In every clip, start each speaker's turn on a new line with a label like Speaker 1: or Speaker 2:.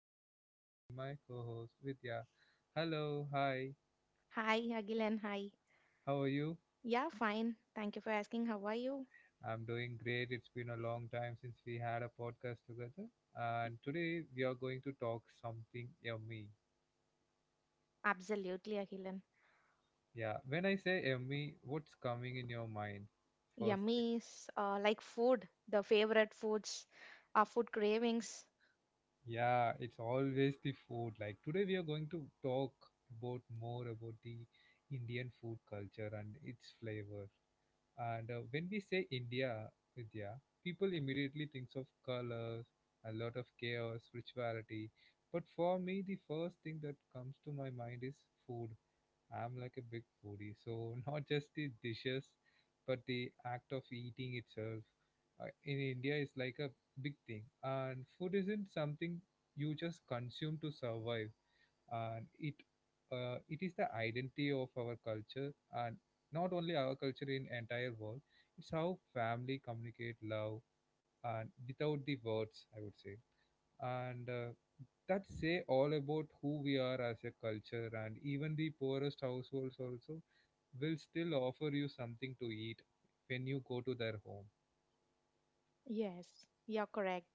Speaker 1: and joining with me my co-host Vidya. Hello, hi.
Speaker 2: Hi, Agilan. Hi.
Speaker 1: How are you?
Speaker 2: Yeah, fine. Thank you for asking. How are you?
Speaker 1: I'm doing great. It's been a long time since we had a podcast together. And today we are going to talk something yummy.
Speaker 2: Absolutely, Agilan.
Speaker 1: Yeah, when I say yummy, what's coming in your mind? First thing.
Speaker 2: Yummy is like food, the favorite foods, our food cravings.
Speaker 1: Yeah, it's always the food. Like today we are going to talk about more about the Indian food culture and its flavor. And When we say India, Vidya, people immediately thinks of colors, a lot of chaos, spirituality. But for me, the first thing that comes to my mind is food. I'm like a big foodie, so not just the dishes, but the act of eating itself in India is like a big thing. And food isn't something you just consume to survive and it it is the identity of our culture, and not only our culture, in entire world it's how family communicate love and without the words I would say. And That say all about who we are as a culture, and even the poorest households also will still offer you something to eat when you go to their home.
Speaker 2: Yes, you're correct.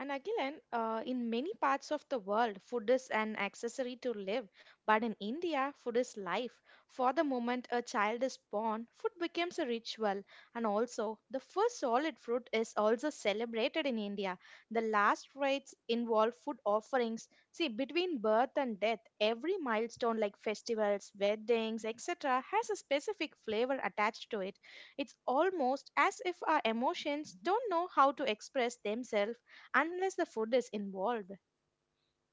Speaker 2: And again, in many parts of the world, food is an accessory to live. But in India, food is life. For the moment a child is born, food becomes a ritual. And also, the first solid fruit is also celebrated in India. The last rites involve food offerings. See, between birth and death, every milestone like festivals, weddings, etc., has a specific flavor attached to it. It's almost as if our emotions don't know how to express themselves unless the food is involved.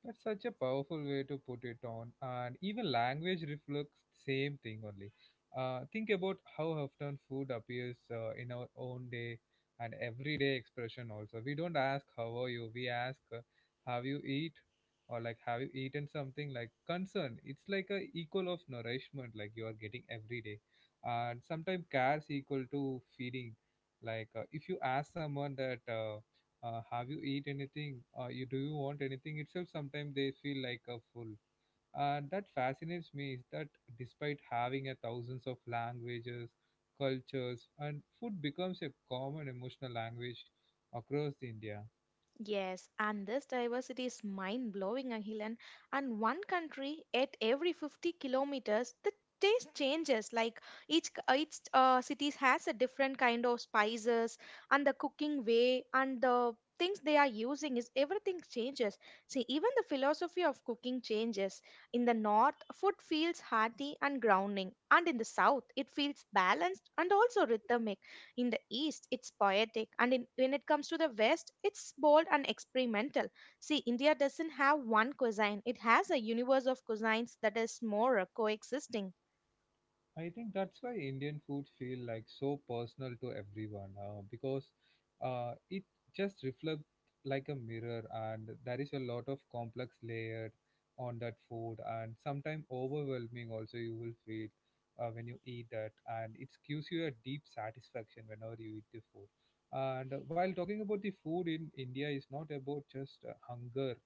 Speaker 1: That's such a powerful way to put it on, and even language reflects the same thing only. Think about how often food appears in our own day and everyday expression also. We don't ask how are you, we ask have you eat, or like, have you eaten something, like concern. It's like a equal of nourishment like you are getting every day, and sometimes cares equal to feeding. Like if you ask someone that. Have you eat anything, you want anything itself, sometimes they feel like a full. And that fascinates me is that despite having a thousands of languages, cultures, and food becomes a common emotional language across the India.
Speaker 2: Yes, and this diversity is mind blowing, Angilan. And one country at every 50 kilometers, the taste changes. Like each city has a different kind of spices, and the cooking way and the things they are using is everything changes. See, even the philosophy of cooking changes. In the north, food feels hearty and grounding, and in the south, it feels balanced and also rhythmic. In the East, it's poetic, and in, when it comes to the West, it's bold and experimental. See, India doesn't have one cuisine, it has a universe of cuisines that is more coexisting.
Speaker 1: I think that's why Indian food feel like so personal to everyone, because it just reflects like a mirror, and there is a lot of complex layered on that food, and sometimes overwhelming also you will feel when you eat that, and it gives you a deep satisfaction whenever you eat the food. And While talking about the food in India is not about just hunger,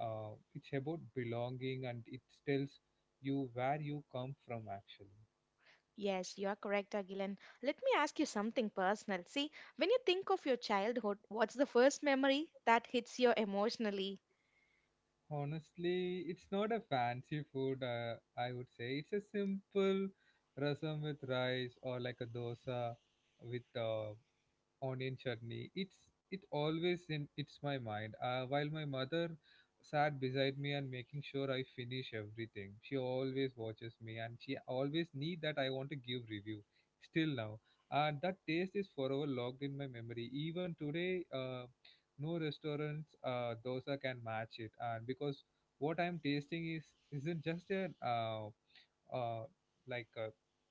Speaker 1: it's about belonging, and it tells you where you come from actually.
Speaker 2: Yes, you are correct, Agilan. Let me ask you something personal. See, when you think of your childhood, what's the first memory that hits you emotionally?
Speaker 1: Honestly, it's not a fancy food, I would say. It's a simple rasam with rice, or like a dosa with onion chutney. It's it always in it's my mind. While my mother sat beside me and making sure I finish everything. She always watches me, and she always need that I want to give review. Still now, and that taste is forever logged in my memory. Even today, no restaurants dosa can match it. And because what I'm tasting is isn't just a uh, like a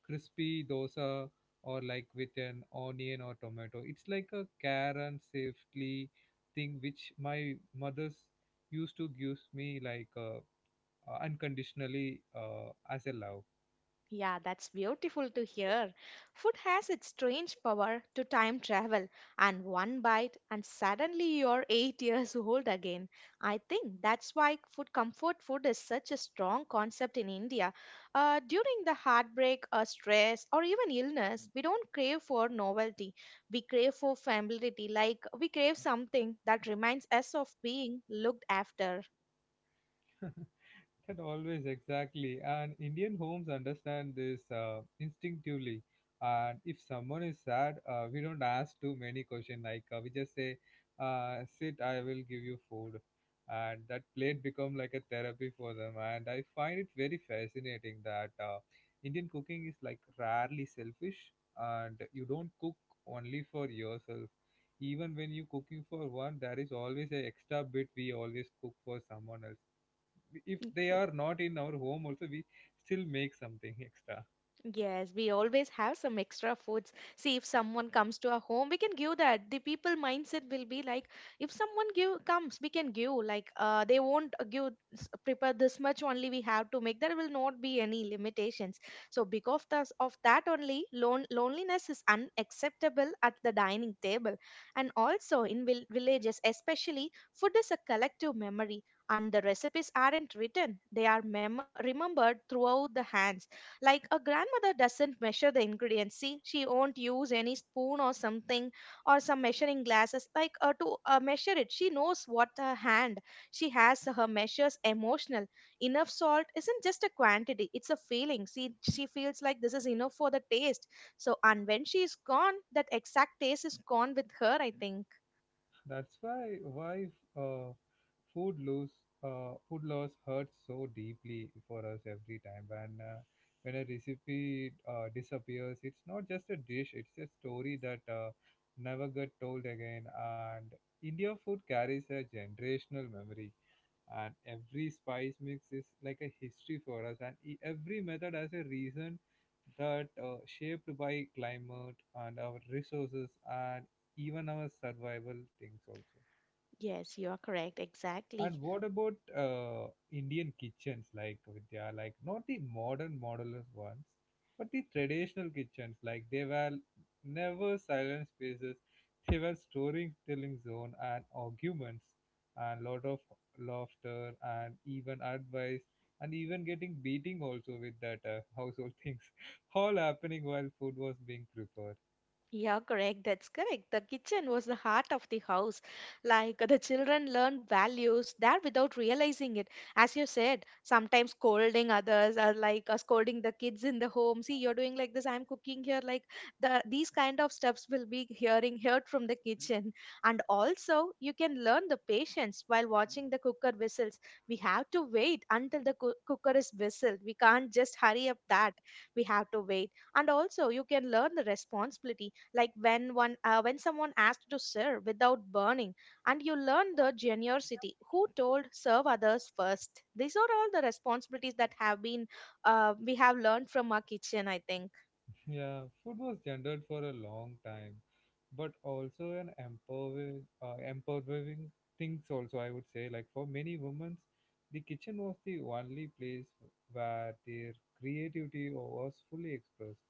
Speaker 1: crispy dosa, or like with an onion or tomato. It's like a care and safely thing which my mother's used to gives me like unconditionally as a love.
Speaker 2: Yeah, that's beautiful to hear. Food has its strange power to time travel, and one bite, and suddenly you're eight years old again. I think that's why food comfort food is such a strong concept in India. During the heartbreak, or stress, or even illness, we don't crave for novelty. We crave for familiarity, like we crave something that reminds us of being looked after.
Speaker 1: That always exactly, and Indian homes understand this instinctively. And if someone is sad, we don't ask too many questions. Like we just say, "Sit, I will give you food," and that plate become like a therapy for them. And I find it very fascinating that Indian cooking is like rarely selfish, and you don't cook only for yourself. Even when you cooking for one, there is always a extra bit we always cook for someone else. If they are not in our home also, we still make something extra.
Speaker 2: Yes, we always have some extra foods. See, if someone comes to our home, we can give that. The people mindset will be like, if someone give comes, we can give. Like, they won't prepare this much only. We have to make. There will not be any limitations. So, because of this, of that only, loneliness is unacceptable at the dining table, and also in villages, especially, food is a collective memory, and the recipes aren't written. They are mem remembered throughout the hands, like a grandmother doesn't measure the ingredients. See, she won't use any spoon or something or some measuring glasses. To measure it, she knows what her hand she has. Her measures emotional. Enough salt isn't just a quantity; it's a feeling. See, she feels like this is enough for the taste. So, and when she is gone, that exact taste is gone with her, I think.
Speaker 1: That's why why uh, food loss food loss hurts so deeply for us. Every time when a recipe disappears, it's not just a dish, it's a story that never get told again. And India food carries a generational memory, and every spice mix is like a history for us, and every method has a reason that shaped by climate and our resources, and even our survival things also.
Speaker 2: Yes, you are correct. Exactly.
Speaker 1: And what about Indian kitchens, like, Vidya, like not the modern modular ones, but the traditional kitchens? Like, they were never silent spaces. They were storytelling zone, and arguments, and lot of laughter, and even advice, and even getting beating also with that household things all happening while food was being prepared.
Speaker 2: Yeah, correct. That's correct. The kitchen was the heart of the house. Like the children learned values there without realizing it. As you said, sometimes scolding others, or scolding the kids in the home. See, you're doing like this. I'm cooking here. Like these kind of steps will be hearing heard from the kitchen. And also, you can learn the patience while watching the cooker whistles. We have to wait until the cooker is whistled. We can't just hurry up that. We have to wait, and also you can learn the responsibility, like when one when someone asked to serve without burning. And you learn the generosity, who told serve others first. These are all the responsibilities that have been, we have learned from our kitchen, I think.
Speaker 1: Yeah, food was gendered for a long time, but also an empowering things also I would say. Like for many women, the kitchen was the only place where their creativity was fully expressed,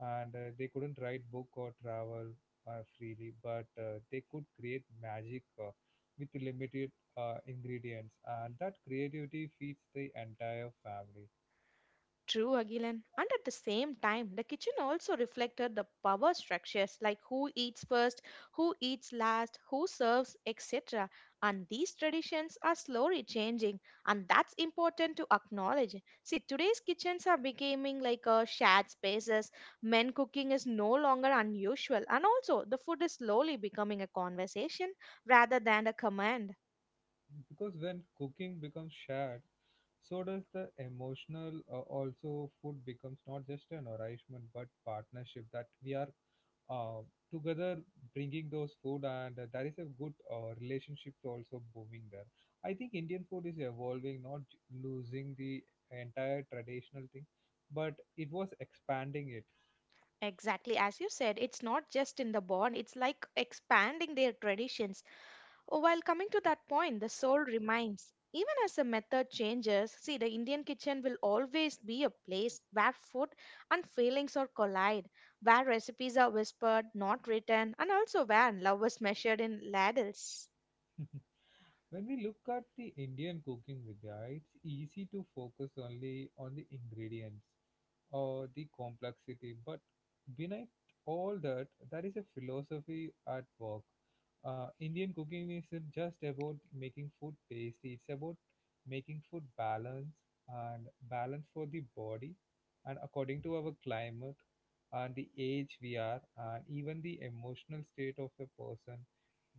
Speaker 1: and they couldn't write book or travel freely, but they could create magic with limited ingredients, and that creativity feeds the entire family.
Speaker 2: True, Agilan. And at the same time, the kitchen also reflected the power structures, like who eats first, who eats last, who serves, etc. And these traditions are slowly changing, and that's important to acknowledge. See, today's kitchens are becoming like shared spaces. Men cooking is no longer unusual, and also the food is slowly becoming a conversation rather than a command.
Speaker 1: Because when cooking becomes shared, so does the emotional. Also food becomes not just an nourishment, but partnership that we are uh, together bringing those food. And there is a good relationship also booming there. I think Indian food is evolving, not losing the entire traditional thing, but it was expanding it.
Speaker 2: Exactly, as you said, it's not just in the bond, it's like expanding their traditions. Oh, while coming to that point, the soul remains. Even as the method changes, see, the Indian kitchen will always be a place where food and feelings are collide, where recipes are whispered, not written, and also where love is measured in ladles.
Speaker 1: When we look at the Indian cooking, Vidya, it's easy to focus only on the ingredients or the complexity, but beneath all that, there is a philosophy at work. Indian cooking isn't just about making food tasty, it's about making food balance, and balance for the body, and according to our climate, and the age we are, and even the emotional state of a person,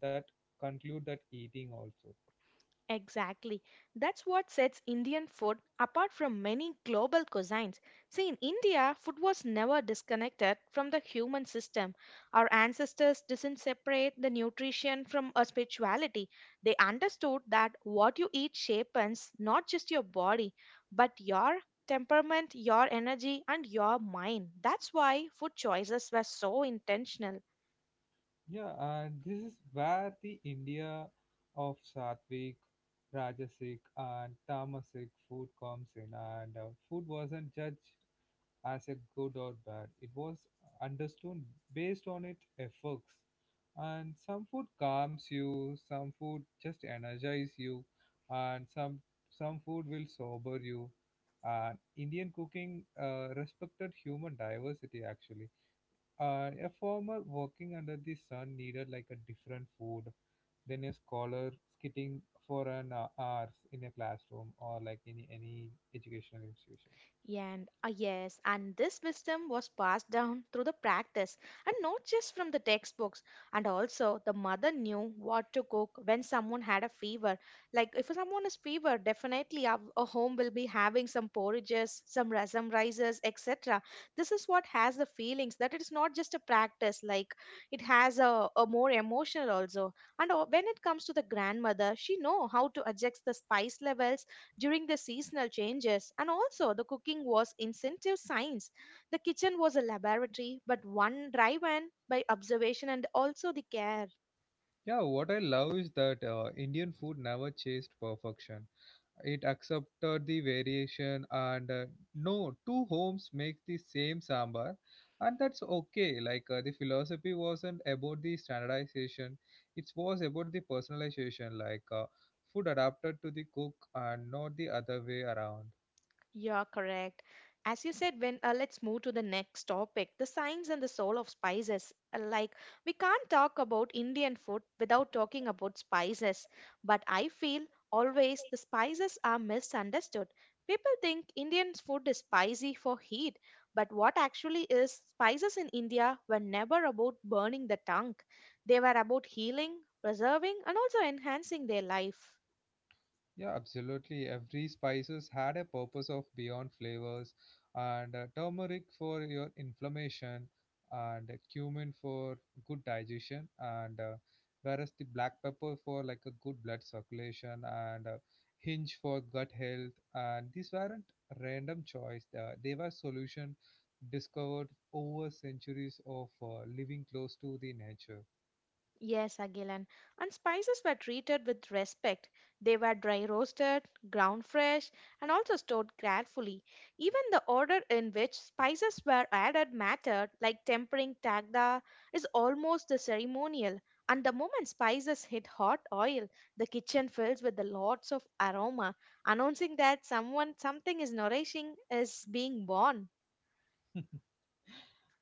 Speaker 1: that conclude that eating also.
Speaker 2: Exactly. That's what sets Indian food apart from many global cuisines. See, in India, food was never disconnected from the human system. Our ancestors didn't separate the nutrition from a spirituality. They understood that what you eat shapes not just your body, but your temperament, your energy, and your mind. That's why food choices were so intentional.
Speaker 1: Yeah, and this is where the India of Sattvic, Rajasic, and Tamasic food comes in. And food wasn't judged as a good or bad, it was understood based on its effects. And some food calms you, some food just energize you, and some food will sober you. And Indian cooking respected human diversity actually. Uh, a farmer working under the sun needed like a different food than a scholar skitting for an hours in a classroom, or like in any educational institution.
Speaker 2: Yeah, and ah, yes, and this wisdom was passed down through the practice and not just from the textbooks. And also, the mother knew what to cook when someone had a fever. Like, if someone is fever, definitely a home will be having some porridges, some some rices, etc. This is what has the feelings that it is not just a practice, like, it has a more emotional also. And when it comes to the grandmother, she know how to adjust the spice levels during the seasonal changes, and also the cooking was incentive science. The kitchen was a laboratory, but one driven by observation and also the care.
Speaker 1: Yeah, what I love is that Indian food never chased perfection. It accepted the variation, and no two homes make the same sambar, and that's okay. Like the philosophy wasn't about the standardization, it was about the personalization. Like food adapted to the cook, and not the other way around.
Speaker 2: You're correct. As you said, when let's move to the next topic, the science and the soul of spices. Like we can't talk about Indian food without talking about spices, but I feel always the spices are misunderstood. People think Indian food is spicy for heat, but what actually is spices in India were never about burning the tongue. They were about healing, preserving, and also enhancing their life.
Speaker 1: Yeah, absolutely. Every spices had a purpose of beyond flavors, and turmeric for your inflammation, and cumin for good digestion, and whereas the black pepper for like a good blood circulation, and hinge for gut health. And these weren't random choice. They were solution discovered over centuries of living close to the nature.
Speaker 2: Yes, Agilan. And spices were treated with respect. They were dry roasted, ground fresh, and also stored carefully. Even the order in which spices were added mattered, like tempering tagda is almost the ceremonial. And the moment spices hit hot oil, the kitchen fills with the lots of aroma, announcing that someone something is nourishing is being born.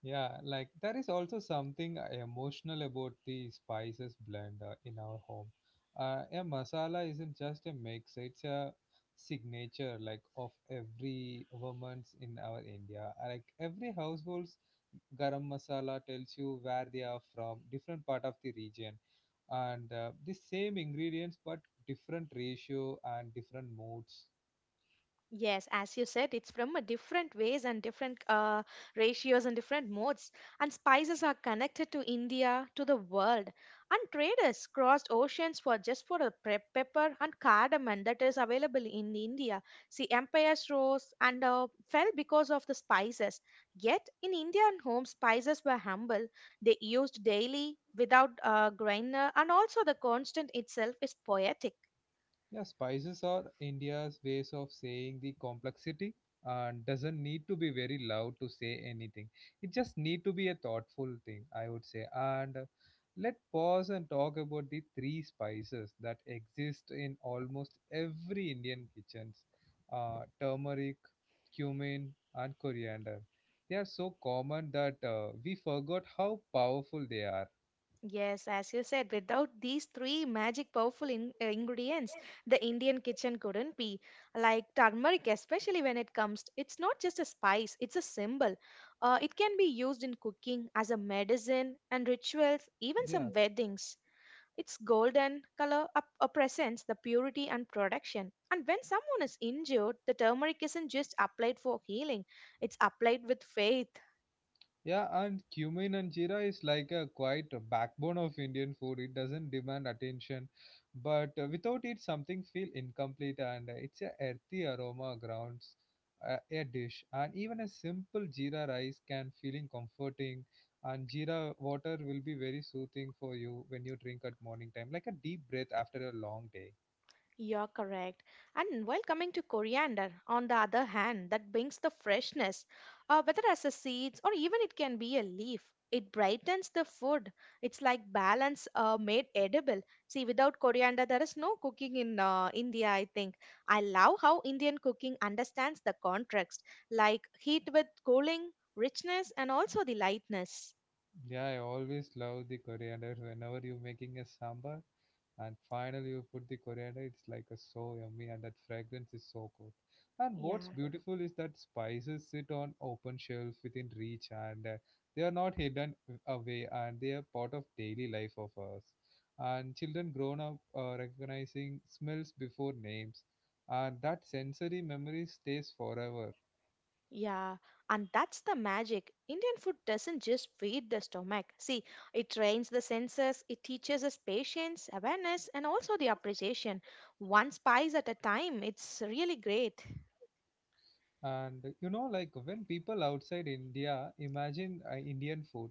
Speaker 1: Yeah, like there is also something emotional about the spices blend in our home. A masala isn't just a mix, it's a signature, like of every woman's in our India. Like every household's garam masala tells you where they are from, different part of the region, and the same ingredients but different ratio and different moods.
Speaker 2: Yes, as you said, it's from a different ways and different ratios and different modes. And spices are connected to India, to the world. And traders crossed oceans for just for a pepper and cardamom that is available in India. See, empires rose and fell because of the spices. Yet, in Indian homes, spices were humble. They used daily without grinder, and also the constant itself is poetic.
Speaker 1: Yeah, spices are India's ways of saying the complexity and doesn't need to be very loud to say anything. It just need to be a thoughtful thing, I would say. And let pause and talk about the three spices that exist in almost every Indian kitchens. Turmeric, cumin, and coriander. They are so common that we forgot how powerful they are.
Speaker 2: Yes, as you said, without these three magic powerful in, ingredients, the Indian kitchen couldn't be. Like turmeric, especially when it comes, it's not just a spice, it's a symbol. It can be used in cooking, as a medicine, and rituals, even
Speaker 1: Yeah.
Speaker 2: some weddings. Its golden color up, represents the purity and protection. And when someone is injured, the turmeric isn't just applied for healing, it's applied with faith.
Speaker 1: Yeah, and cumin and jeera is like a quite a backbone of Indian food. It doesn't demand attention, but without it, something feel incomplete. And it's a earthy aroma grounds a dish, and even a simple jeera rice can feeling comforting. And jeera water will be very soothing for you when you drink at morning time, like a deep breath after a long day.
Speaker 2: You're correct. And while coming to coriander, on the other hand, that brings the freshness, whether as a seeds or even it can be a leaf. It brightens the food. It's like balance made edible. See, without coriander, there is no cooking in India, I think. I love how Indian cooking understands the contrast, like heat with cooling, richness, and also the lightness.
Speaker 1: Yeah, I always love the coriander whenever you're making a sambar. And finally, you put the coriander, it's like a so yummy, and that fragrance is so good. And what's
Speaker 2: Yeah.
Speaker 1: beautiful is that spices sit on open shelves within reach, and they are not hidden away, and they are part of daily life of us. And children grown up recognizing smells before names, and that sensory memory stays forever.
Speaker 2: Yeah, and that's the magic. Indian food doesn't just feed the stomach. See, it trains the senses, it teaches us patience, awareness, and also the appreciation. One spice at a time, it's really great.
Speaker 1: And you know, like when people outside India imagine Indian food,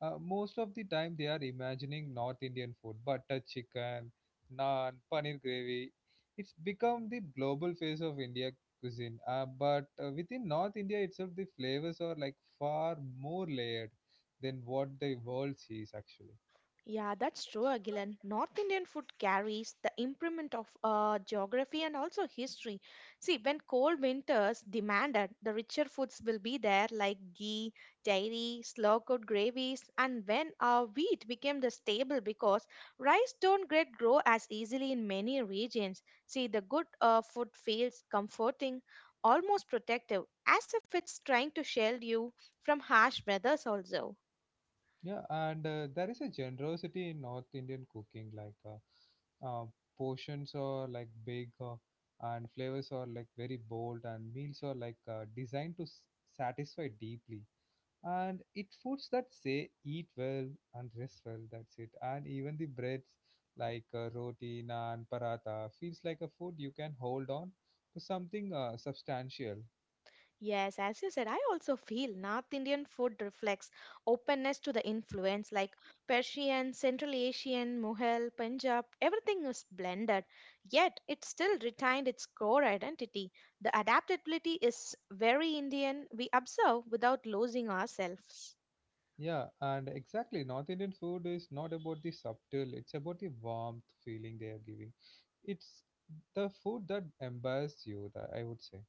Speaker 1: most of the time they are imagining North Indian food, butter chicken, naan, paneer gravy. It's become the global face of India cuisine. But within North India itself, the flavors are like far more layered than what the world sees actually.
Speaker 2: Yeah, that's true, Agilan. North Indian food carries the imprint of geography and also history. See, when cold winters demanded, the richer foods will be there like ghee, dairy, slow-cooked gravies, and when wheat became the staple because rice don't get grow as easily in many regions. See, the good food feels comforting, almost protective, as if it's trying to shield you from harsh weathers also.
Speaker 1: Yeah, and there is a generosity in North Indian cooking, like uh, portions are like big, and flavors are like very bold, and meals are like designed to satisfy deeply. And it foods that say eat well and rest well. That's it. And even the breads like roti, naan, paratha feels like a food you can hold on to something substantial.
Speaker 2: Yes, as you said, I also feel North Indian food reflects openness to the influence like Persian, Central Asian, Mughal, Punjab, everything is blended, yet it still retained its core identity. The adaptability is very Indian, we observe without losing ourselves.
Speaker 1: Yeah, and exactly. North Indian food is not about the subtle, it's about the warmth feeling they are giving. It's the food that empowers you, that I would say.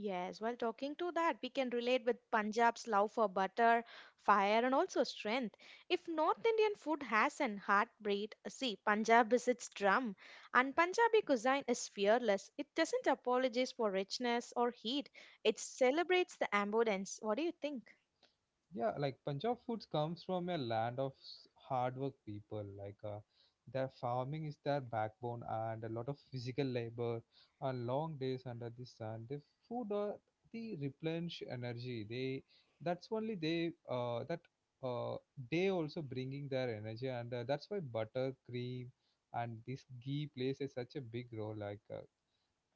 Speaker 2: Yes, while talking to that, we can relate with Punjab's love for butter, fire, and also strength. If North Indian food has an heartbeat, see, Punjab is its drum, and Punjabi cuisine is fearless. It doesn't apologize for richness or heat, it celebrates the abundance. What do you think?
Speaker 1: Yeah, like Punjab foods comes from a land of hard work people like their farming is their backbone and a lot of physical labor and long days under the sun the food the replenish energy they that's only they that uh, they also bringing their energy and that's why butter cream and this ghee plays a, such a big role like uh,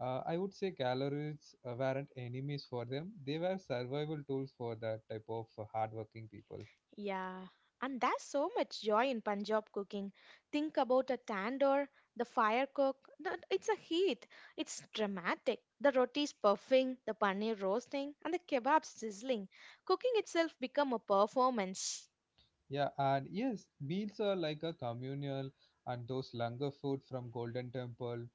Speaker 1: uh, I would say calories weren't enemies for them. They were survival tools for that type of hardworking people.
Speaker 2: Yeah, and there's so much joy in Punjab cooking. Think about a tandoor, the fire cook, the, it's a heat, it's dramatic. The rotis puffing, the paneer roasting, and the kebabs sizzling. Cooking itself become a performance.
Speaker 1: Yeah, and yes, meals are like a communal and those langar food from Golden Temple,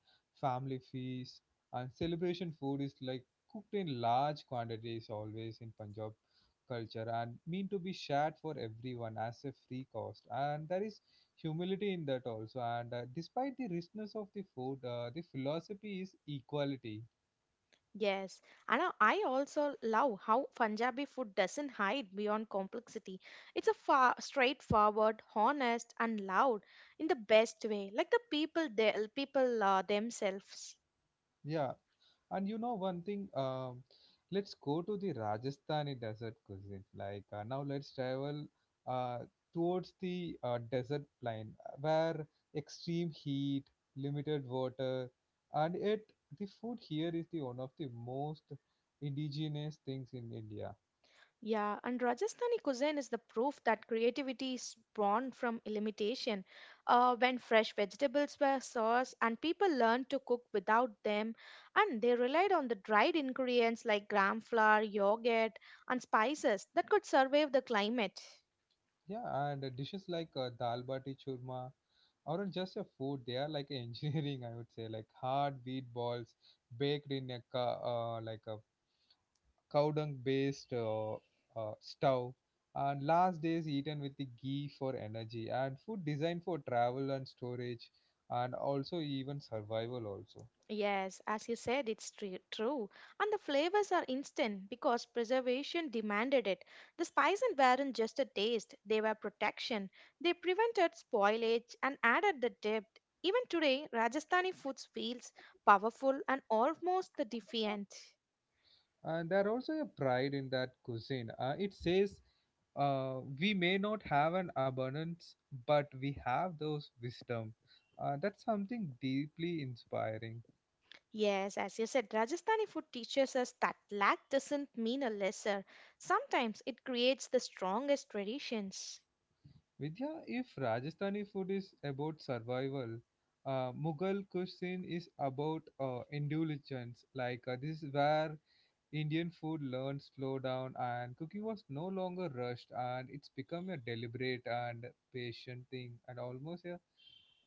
Speaker 1: family feast, and celebration food is like cooked in large quantities always in Punjab culture and mean to be shared for everyone as a free cost. And there is humility in that also. And despite the richness of the food, the philosophy is equality.
Speaker 2: Yes, and I also love how Punjabi food doesn't hide beyond complexity. It's a far, straightforward, honest, and loud in the best way, like the people they, people themselves.
Speaker 1: Yeah, and you know one thing, let's go to the Rajasthani desert cuisine. Like now, let's travel uh, towards the desert plain where extreme heat, limited water, and yet the food here is the one of the most indigenous things in India.
Speaker 2: Yeah, and Rajasthani cuisine is the proof that creativity is born from limitation. When fresh vegetables were sourced and people learned to cook without them, and they relied on the dried ingredients like gram flour, yogurt, and spices that could survive the climate.
Speaker 1: Yeah, and dishes like dal bati churma aren't just a food; they are like engineering. I would say like hard wheat balls baked in a like a cow dung based stove, and last days eaten with the ghee for energy, and food designed for travel and storage, and also even survival also.
Speaker 2: Yes, as you said, true. And the flavors are instant because preservation demanded it. The spices weren't just a taste, they were protection. They prevented spoilage and added the depth. Even today, Rajasthani food feels powerful and almost the defiant.
Speaker 1: And there also a pride in that cuisine. It says we may not have an abundance, but we have those wisdom. That's something deeply inspiring.
Speaker 2: Yes, as you said, Rajasthani food teaches us that lack doesn't mean a lesser. Sometimes it creates the strongest traditions.
Speaker 1: Vidya, if Rajasthani food is about survival, Mughal cuisine is about indulgence. Like this is where Indian food learned slow down, and cooking was no longer rushed, and it's become a deliberate and patient thing, and almost a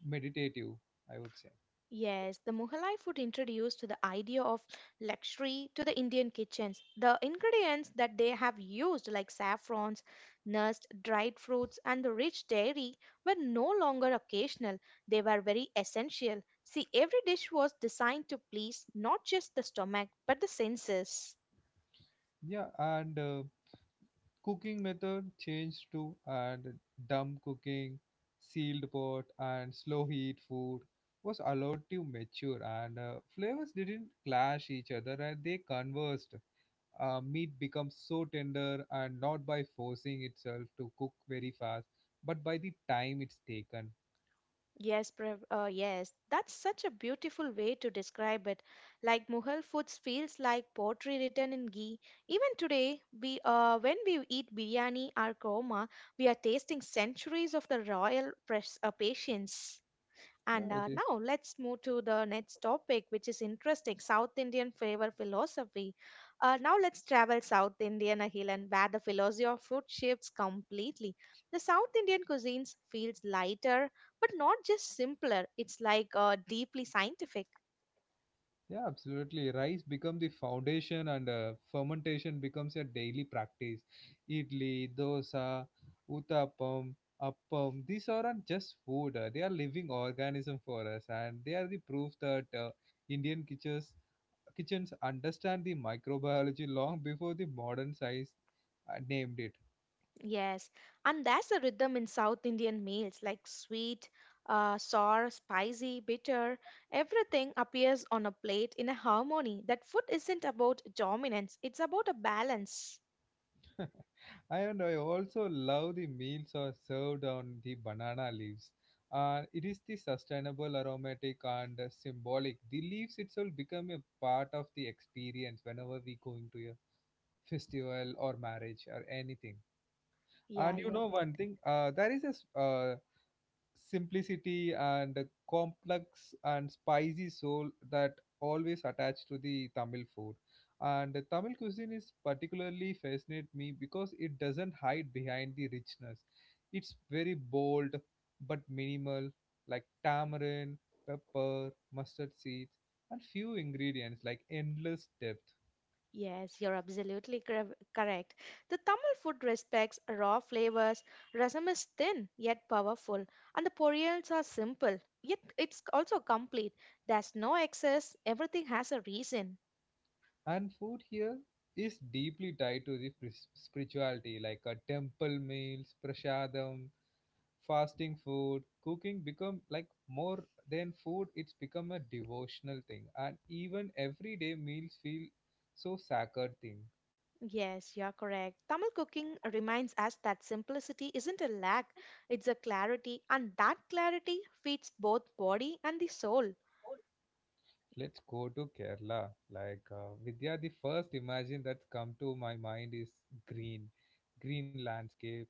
Speaker 1: meditative, I would say.
Speaker 2: Yes, the Mughal food introduced the idea of luxury to the Indian kitchens. The ingredients that they have used, like saffrons, nuts, dried fruits, and the rich dairy, were no longer occasional. They were very essential. See, every dish was designed to please not just the stomach, but the senses.
Speaker 1: Yeah, and Cooking method changed to and dumb cooking, sealed pot, and slow heat food was allowed to mature, and flavors didn't clash each other and they conversed. Meat becomes so tender and not by forcing itself to cook very fast, but by the time it's taken.
Speaker 2: Yes, that's such a beautiful way to describe it. Like Mughal foods feels like poetry written in ghee. Even today, we when we eat biryani or korma, we are tasting centuries of the royal patience.
Speaker 1: Yeah,
Speaker 2: And
Speaker 1: it is.
Speaker 2: Now let's move to the next topic, which is interesting South Indian flavor philosophy. Now let's travel South Indian, Ahil, and where the philosophy of food shifts completely. The South Indian cuisines feels lighter, but not just simpler. It's deeply scientific.
Speaker 1: Yeah, absolutely. Rice become the foundation and fermentation becomes a daily practice. Idli, dosa, uttapam, appam, these aren't just food. They are living organism for us and they are the proof that Indian kitchens understand the microbiology long before the modern science named it.
Speaker 2: Yes, and that's the rhythm in South Indian meals like sweet, sour, spicy, bitter. Everything appears on a plate in a harmony. That food isn't about dominance, it's about a balance.
Speaker 1: And I also love the meals are served on the banana leaves. It is the sustainable, aromatic, and symbolic. The leaves itself become a part of the experience whenever we go into a festival or marriage or anything.
Speaker 2: Yeah,
Speaker 1: And you
Speaker 2: you're,
Speaker 1: know one thing, there is a simplicity and a complex and spicy soul that always attached to the Tamil food. And the Tamil cuisine is particularly fascinate me because it doesn't hide behind the richness. It's very bold but minimal, like tamarind, pepper, mustard seeds, and few ingredients like endless depth.
Speaker 2: yes, you're absolutely correct. The Tamil food respects raw flavors. Rasam is thin yet powerful, and the poriyals are simple yet it's also complete. There's no excess, everything has a reason.
Speaker 1: And food here is deeply tied to the spirituality, like a temple meals, prasadam, fasting food cooking become like more than food it's become a devotional thing and even everyday meals feel so sacred thing.
Speaker 2: Yes, you're correct. Tamil cooking reminds us that simplicity isn't a lack, it's a clarity, and that clarity feeds both body and the soul.
Speaker 1: Let's go to Kerala, like Vidya, the first imagine that's come to my mind is green, green landscape,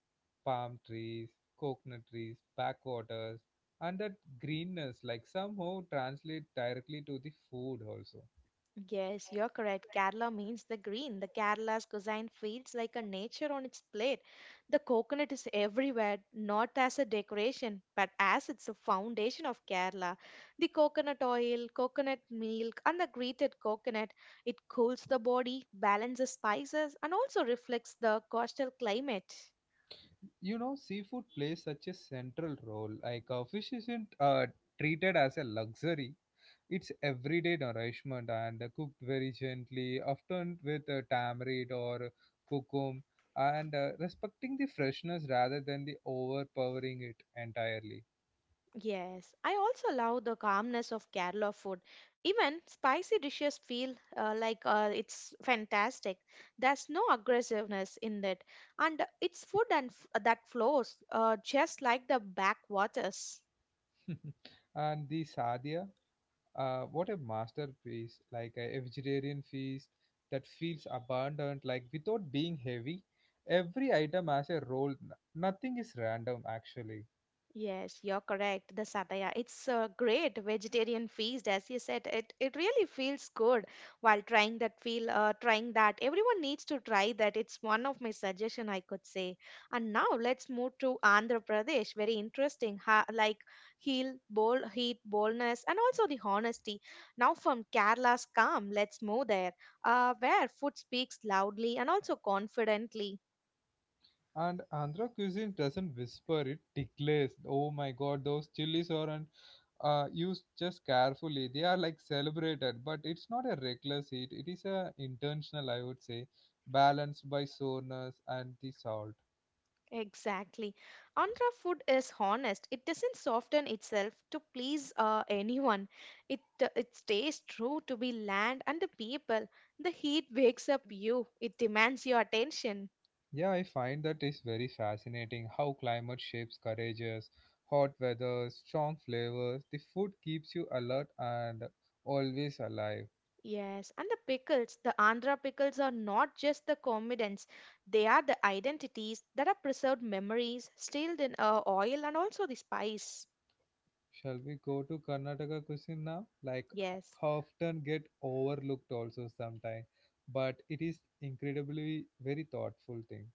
Speaker 1: palm trees, coconut trees, backwaters, and that greenness like somehow translate directly to the food also.
Speaker 2: Yes, you're correct. Kerala means the green. The Kerala's cuisine feels like a nature on its plate. The coconut is everywhere, not as a decoration, but as it's a foundation of Kerala. The coconut oil, coconut milk, and the grated coconut, it cools the body, balances spices, and also reflects the coastal climate.
Speaker 1: You know seafood plays such a central role like fish isn't treated as a luxury, it's everyday nourishment and cooked very gently often with tamarind or cocum and respecting the freshness rather than the overpowering it entirely.
Speaker 2: Yes, I also love the calmness of Kerala food. Even spicy dishes feel like it's fantastic. There's no aggressiveness in it, and it's food and that flows just like the backwaters.
Speaker 1: And the sadia. What a masterpiece! Like a vegetarian feast that feels abundant, like without being heavy. Every item has a role. Nothing is random, actually.
Speaker 2: Yes, you're correct. The sataya. It's a great vegetarian feast, as you said. It really feels good while trying that. Everyone needs to try that. It's one of my suggestion I could say. And now let's move to Andhra Pradesh. Very interesting. Ha, like heel, bold, heat, boldness, and also the honesty. Now from Kerala's calm, let's move there. Where food speaks loudly and also confidently.
Speaker 1: And Andhra cuisine doesn't whisper; it declares. Oh my God, those chilies aren't used just carefully. They are like celebrated, but it's not a reckless heat. It is a intentional, I would say, balanced by soreness and the salt.
Speaker 2: Exactly. Andhra food is honest. It doesn't soften itself to please anyone. It stays true to be land and the people. The heat wakes up you. It demands your attention.
Speaker 1: Yeah, I find that is very fascinating how climate shapes courages, hot weather, strong flavors. The food keeps you alert and always alive.
Speaker 2: Yes, and the pickles, the Andhra pickles are not just the comedians. They are the identities that are preserved memories, stilled in oil and also the spice.
Speaker 1: Shall we go to Karnataka cuisine now? Like
Speaker 2: Yes.
Speaker 1: often get overlooked also sometimes, but it is incredibly very thoughtful thing.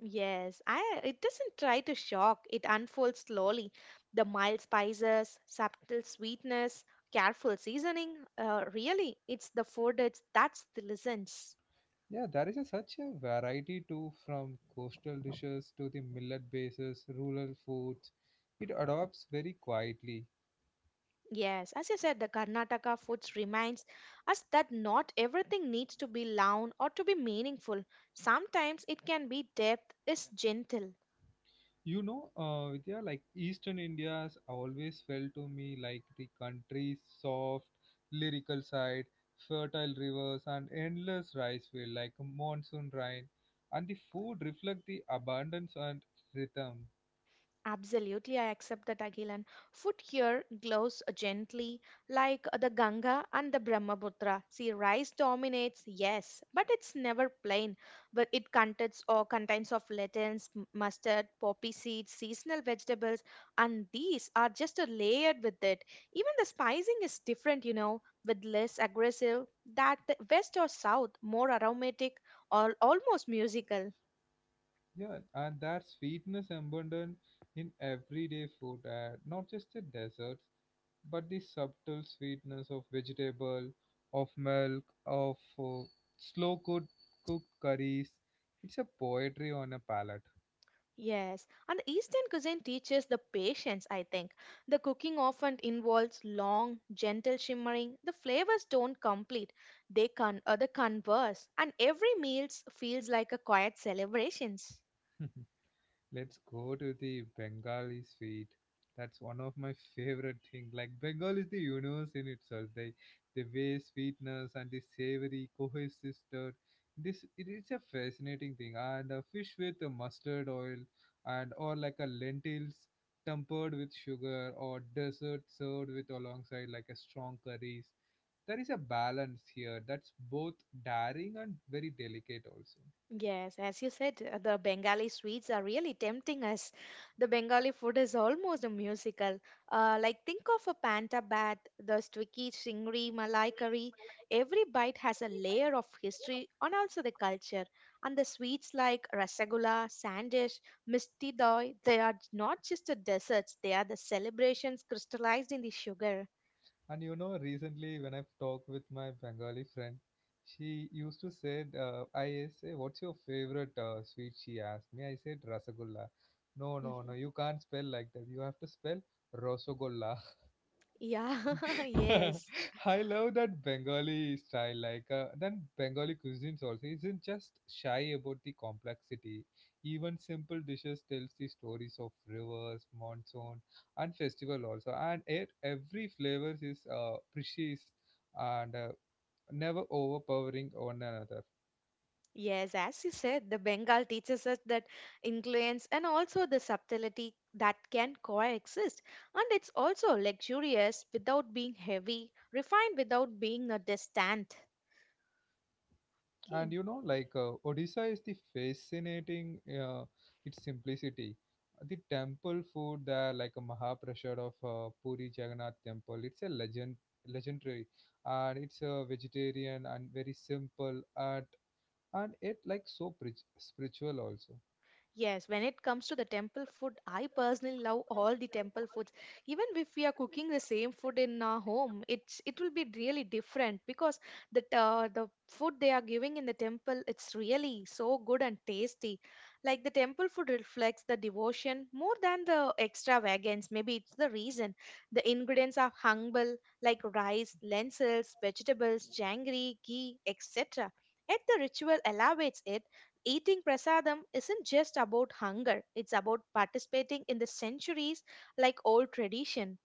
Speaker 2: Yes, it doesn't try to shock, it unfolds slowly. The mild spices, subtle sweetness, careful seasoning. Really, it's the food it's, that's the lessons.
Speaker 1: Yeah, there is a, such a variety too from coastal dishes to the millet bases, rural foods. It adopts very quietly.
Speaker 2: Yes, as you said, the Karnataka foods reminds us that not everything needs to be loud or to be meaningful. Sometimes it can be depth is gentle.
Speaker 1: You know, Vidya, like Eastern India has always felt to me like the country's soft, lyrical side, fertile rivers, and endless rice field like monsoon rain, and the food reflect the abundance and rhythm.
Speaker 2: Absolutely, I accept that, Agilan. Foot here glows gently like the Ganga and the Brahmaputra. See, rice dominates, yes, but it's never plain. But it contains of lentils, mustard, poppy seeds, seasonal vegetables, and these are just a layered with it. Even the spicing is different, you know, with less aggressive that the west or south, more aromatic or almost musical.
Speaker 1: Yeah, and that sweetness abundant in everyday food, not just the desserts, but the subtle sweetness of vegetable, of milk, of slow cooked curries. It's a poetry on a palate.
Speaker 2: Yes, and the Eastern cuisine teaches the patience, I think. The cooking often involves long, gentle shimmering. The flavors don't complete, they converse, and every meal feels like a quiet celebrations.
Speaker 1: Let's go to the Bengali sweet. That's one of my favorite thing. Like Bengal is the universe in itself. They the way sweetness and the savory cohesister. This it is a fascinating thing. And a fish with a mustard oil and or like a lentils tempered with sugar or dessert served with alongside like a strong curries. There is a balance here that's both daring and very delicate also.
Speaker 2: Yes, as you said, the Bengali sweets are really tempting us. The Bengali food is almost a musical. Like think of a panta bat, the sticky chingri, malai curry. Every bite has a layer of history and also the culture. And the sweets like rasagulla, sandish, misti doi, they are not just the desserts, they are the celebrations crystallized in the sugar.
Speaker 1: And you know, recently when I've talked with my Bengali friend, she used to say, I say, what's your favorite sweet? She asked me. I said, Rasagulla. No, no, no,
Speaker 2: Mhm.
Speaker 1: you can't spell like that. You have to spell Rosagulla.
Speaker 2: Yeah, yes.
Speaker 1: I love that Bengali style. Like then Bengali cuisines also isn't just shy about the complexity. Even simple dishes tells the stories of rivers, monsoon, and festival also. And it every flavors is precious and never overpowering one another.
Speaker 2: Yes, as you said, the Bengal teaches us that influence and also the subtlety that can coexist. And it's also luxurious without being heavy, refined without being a distant. Okay.
Speaker 1: And you know like Odisha is the fascinating its simplicity, the temple food there like a mahaprasad of Puri Jagannath Temple, it's a legendary, and it's a vegetarian and very simple, and and it like so spiritual also.
Speaker 2: Yes, when it comes to the temple food, I personally love all the temple foods. Even if we are cooking the same food in our home, it will be really different because the food they are giving in the temple, it's really so good and tasty. Like the temple food reflects the devotion more than the extravagance. Maybe it's the reason. The ingredients are humble, like rice, lentils, vegetables, jangri, ghee, etc. Yet the ritual elevates it. Eating prasadam isn't just about hunger, it's about participating in the centuries like old tradition.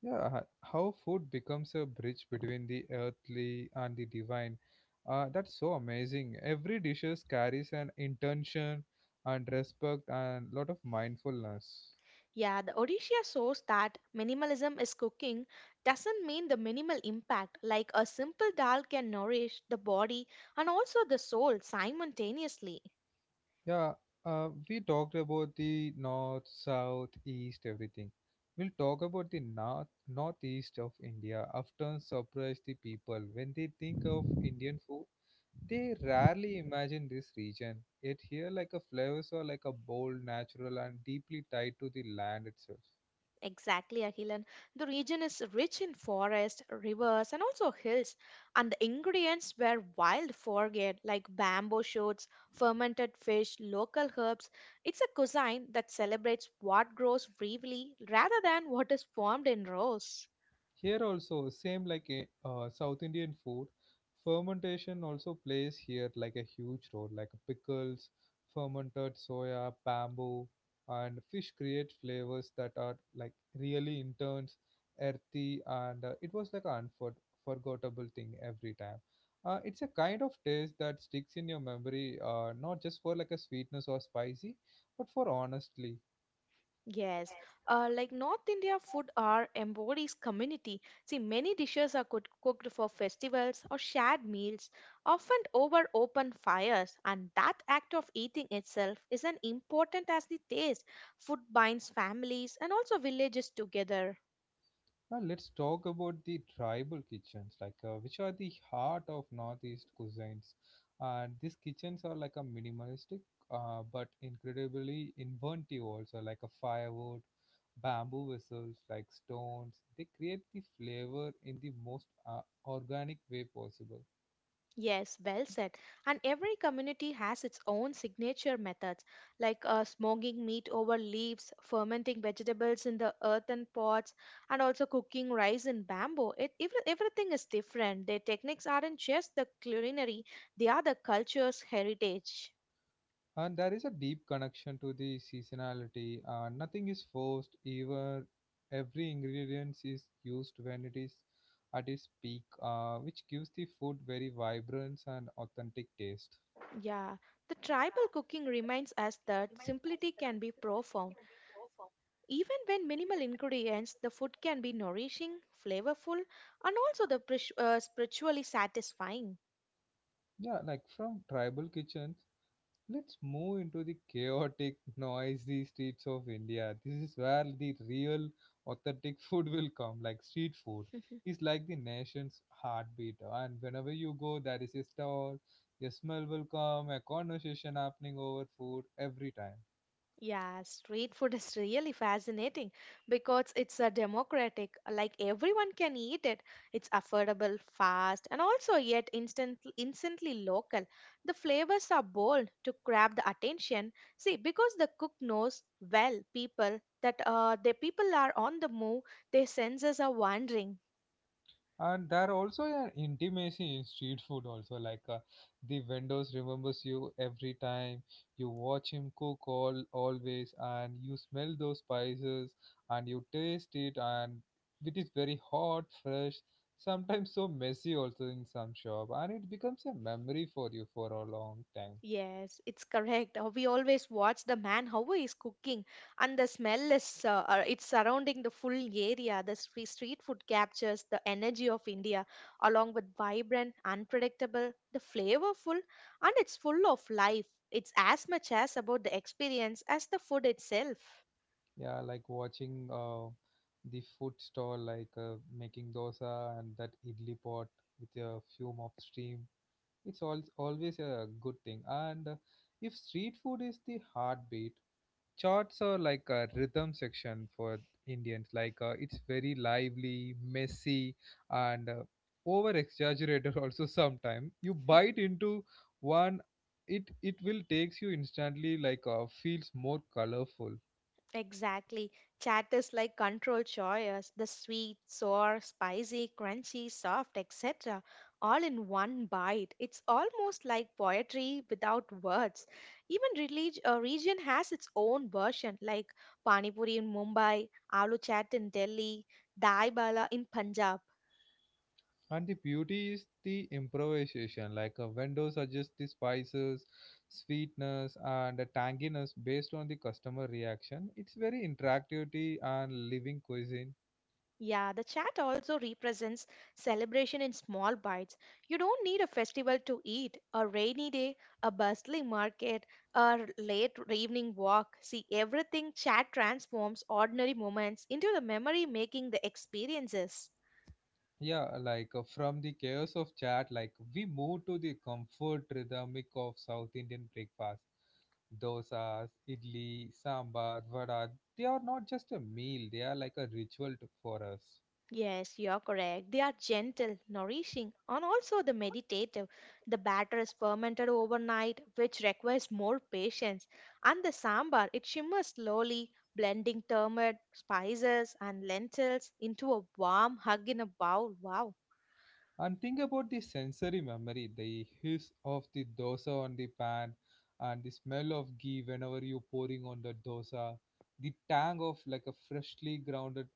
Speaker 1: Yeah, how food becomes a bridge between the earthly and the divine. That's so amazing. Every dishes carries an intention and respect and lot of mindfulness.
Speaker 2: Yeah, the Odisha shows that minimalism is cooking doesn't mean the minimal impact, like a simple dal can nourish the body and also the soul simultaneously.
Speaker 1: Yeah, we talked about the north, south, east, everything. We'll talk about the north, northeast of India. Often surprise the people when they think of Indian food. They rarely imagine this region, yet here like a flavors are like a bold, natural and deeply tied to the land itself.
Speaker 2: Exactly, Ahilan. The region is rich in forests, rivers, and also hills, and the ingredients were wild foraged like bamboo shoots, fermented fish, local herbs. It's a cuisine that celebrates what grows briefly rather than what is formed in rows.
Speaker 1: Here also, same like South Indian food, fermentation also plays here like a huge role. Like pickles, fermented soya, bamboo, and fish create flavors that are like really intense, earthy, and it was like an unforgettable thing every time. It's a kind of taste that sticks in your memory, not just for like a sweetness or spicy, but for honestly.
Speaker 2: Yes, like North India food are embodies community. See, many dishes are cooked for festivals or shared meals, often over open fires, and that act of eating itself is as important as the taste. Food binds families and also villages together.
Speaker 1: Well, let's talk about the tribal kitchens, like which are the heart of Northeast cuisines. And these kitchens are like a minimalistic, but incredibly inventive also, like a firewood, bamboo vessels, like stones. They create the flavor in the most organic way possible.
Speaker 2: Yes, well said. And every community has its own signature methods, like smoking meat over leaves, fermenting vegetables in the earthen pots, and also cooking rice in bamboo. Everything is different. Their techniques aren't just the culinary, they are the culture's heritage.
Speaker 1: And there is a deep connection to the seasonality. Nothing is forced, even every ingredient is used when it is at its peak, which gives the food very vibrant and authentic taste.
Speaker 2: Yeah. The tribal cooking reminds us that simplicity can be profound. Even when minimal ingredients, the food can be nourishing, flavorful, and also the spiritually satisfying.
Speaker 1: Yeah, like from tribal kitchens, let's move into the chaotic, noisy streets of India. This is where the real, authentic food will come. Like street food
Speaker 2: Mhm.
Speaker 1: is like the nation's heartbeat, and whenever you go, there is a stall. A smell will come, a conversation happening over food every time.
Speaker 2: Yeah, street food is really fascinating because it's a democratic, like everyone can eat it. It's affordable, fast, and also yet instantly local. The flavors are bold to grab the attention. See, because the cook knows well people that the people are on the move, their senses are wandering.
Speaker 1: And there also an intimacy in street food also like the vendors remembers you every time, you watch him cook all always and you smell those spices and you taste it and it is very hot fresh, sometimes so messy also in some shop, and it becomes a memory for you for a long time.
Speaker 2: Yes, it's correct. We always watch the man how he is cooking, and the smell is it's surrounding the full area. The street food captures the energy of India, along with vibrant, unpredictable, the flavorful, and it's full of life. It's as much as about the experience as the food itself.
Speaker 1: Yeah, like watching the food stall like making dosa and that idli pot with a fume of steam. It's always a good thing. And if street food is the heartbeat, charts are like a rhythm section for Indians. Like it's very lively, messy, and over exaggerated also sometimes. You bite into one, it will takes you instantly feels more colorful.
Speaker 2: Exactly. Chat is like controlled choice, the sweet, sour, spicy, crunchy, soft, etc. all in one bite. It's almost like poetry without words. Even a region has its own version, like Pani Puri in Mumbai, Aloo Chat in Delhi, Dai Bala in Punjab.
Speaker 1: And the beauty is the improvisation, like a vendor suggests the spices, sweetness, and the tanginess based on the customer reaction. It's very interactivity and living cuisine.
Speaker 2: Yeah, the chat also represents celebration in small bites. You don't need a festival to eat, a rainy day, a bustling market, a late evening walk. See, everything chat transforms ordinary moments into the memory making the experiences.
Speaker 1: Yeah, from the chaos of chat, like we move to the comfort rhythmic of South Indian breakfast. Dosas, idli, sambar, vada, they are not just a meal, they are like a ritual to, for us.
Speaker 2: Yes, you're correct. They are gentle, nourishing, and also the meditative. The batter is fermented overnight, which requires more patience. And the sambar, it shimmers slowly, blending turmeric, spices, and lentils into a warm hug in a bowl. Wow.
Speaker 1: And think about the sensory memory, the hiss of the dosa on the pan, and the smell of ghee whenever you're pouring on the dosa, the tang of like a freshly grounded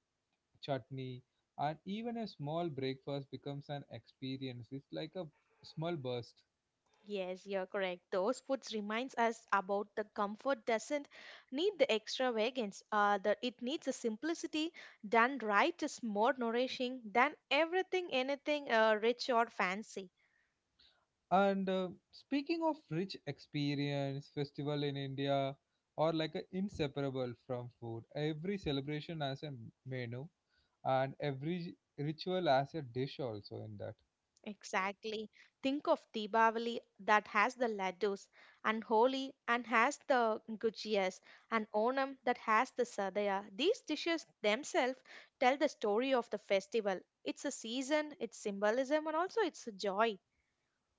Speaker 1: chutney, and even a small breakfast becomes an experience. It's like a small burst.
Speaker 2: Yes, you're correct. Those foods reminds us about the comfort doesn't need the extravagance. That it needs a simplicity done right is more nourishing than everything, anything rich or fancy.
Speaker 1: And Speaking of rich experience, festival in India are like a inseparable from food. Every celebration has a menu, and every ritual has a dish also in that.
Speaker 2: Exactly. Think of Deepavali that has the laddus, and Holi and has the gujias, and Onam that has the sadaya. These dishes themselves tell the story of the festival. It's a season, its symbolism, and also it's a joy.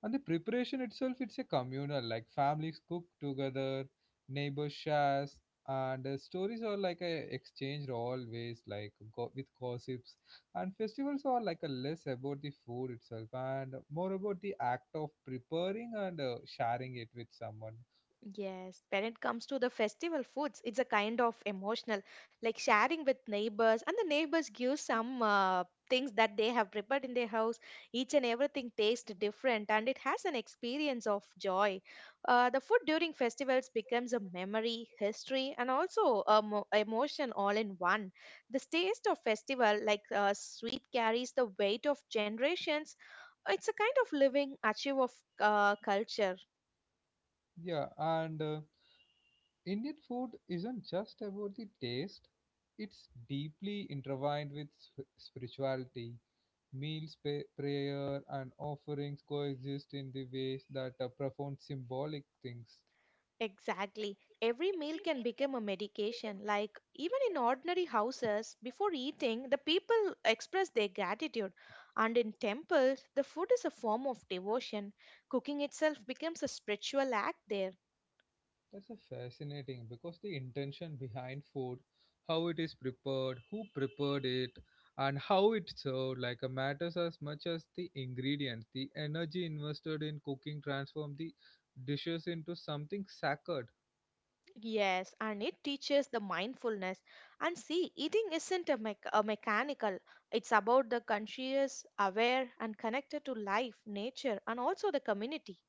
Speaker 1: And the preparation itself, it's a communal, like families cook together, neighbors shares, and stories are like a exchanged always, with gossips. And festivals are like a less about the food itself and more about the act of preparing and sharing it with someone.
Speaker 2: Yes, when it comes to the festival foods, it's a kind of emotional, like sharing with neighbors, and the neighbors give some things that they have prepared in their house. Each and everything tastes different, and it has an experience of joy. The food during festivals becomes a memory, history, and also a emotion all in one. This taste of festival, like sweet, carries the weight of generations. It's a kind of living archive of culture.
Speaker 1: Yeah, and Indian food isn't just about the taste; it's deeply intertwined with spirituality. Meals, prayer, and offerings coexist in the ways that are profound symbolic things.
Speaker 2: Exactly. Every meal can become a medication. Like, even in ordinary houses, before eating, the people express their gratitude. And in temples, the food is a form of devotion. Cooking itself becomes a spiritual act there.
Speaker 1: That's a fascinating because the intention behind food, how it is prepared, who prepared it, and how it served, matters as much as the ingredients. The energy invested in cooking transform the dishes into something sacred.
Speaker 2: Yes, and it teaches the mindfulness. And see, eating isn't a, a mechanical, it's about the conscious, aware, and connected to life, nature, and also the community.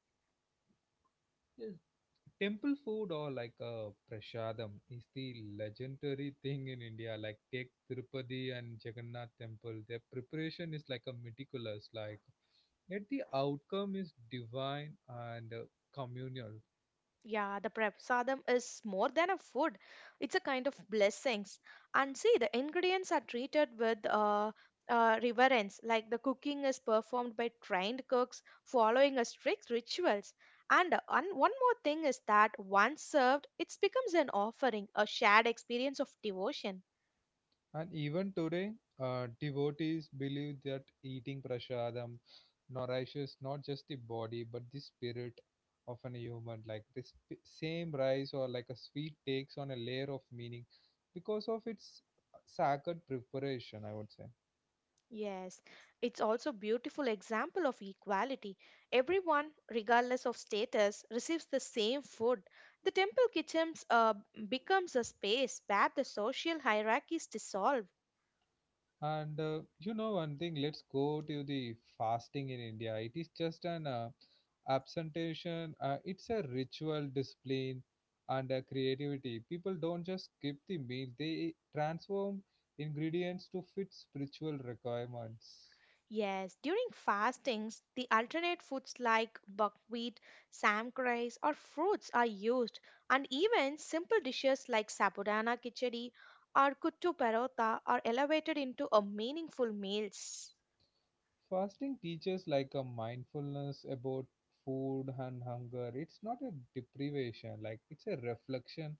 Speaker 1: Yes, Temple food or prashadam is the legendary thing in India. Like take Tirupati and Jagannath temple. Their preparation is like a meticulous. Like yet the outcome is divine and communal.
Speaker 2: Yeah, the prasadam is more than a food. It's a kind of blessings. And see, the ingredients are treated with reverence, like the cooking is performed by trained cooks following a strict rituals. And one more thing is that once served, it becomes an offering, a shared experience of devotion.
Speaker 1: And even today, devotees believe that eating prasadam nourishes not just the body but the spirit of an human. Like this same rice or like a sweet takes on a layer of meaning because of its sacred preparation, I would say.
Speaker 2: Yes, it's also beautiful example of equality. Everyone, regardless of status, receives the same food. The temple kitchens becomes a space where the social hierarchies dissolve.
Speaker 1: And you know one thing, let's go to the fasting in India. It is just an absentation. It's a ritual, discipline, and creativity. People don't just skip the meal; they transform ingredients to fit spiritual requirements.
Speaker 2: Yes, during fastings, the alternate foods like buckwheat, samkrais, or fruits are used, and even simple dishes like sabudana kichadi or kuttu parota are elevated into a meaningful meals.
Speaker 1: Fasting teaches like a mindfulness about food and hunger. It's not a deprivation; like it's a reflection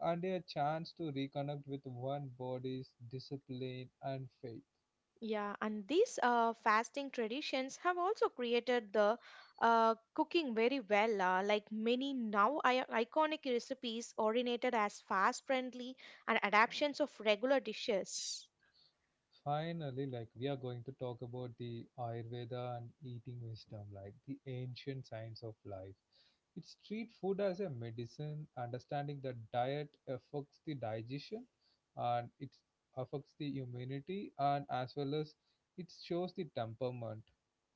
Speaker 1: and a chance to reconnect with one body's discipline and faith.
Speaker 2: Yeah, and these fasting traditions have also created the cooking very well. Like many now iconic recipes originated as fast friendly and adaptations of regular dishes.
Speaker 1: Finally, like we are going to talk about the Ayurveda and eating wisdom, like the ancient science of life. It's treat food as a medicine, understanding that diet affects the digestion and it affects the immunity and as well as it shows the temperament.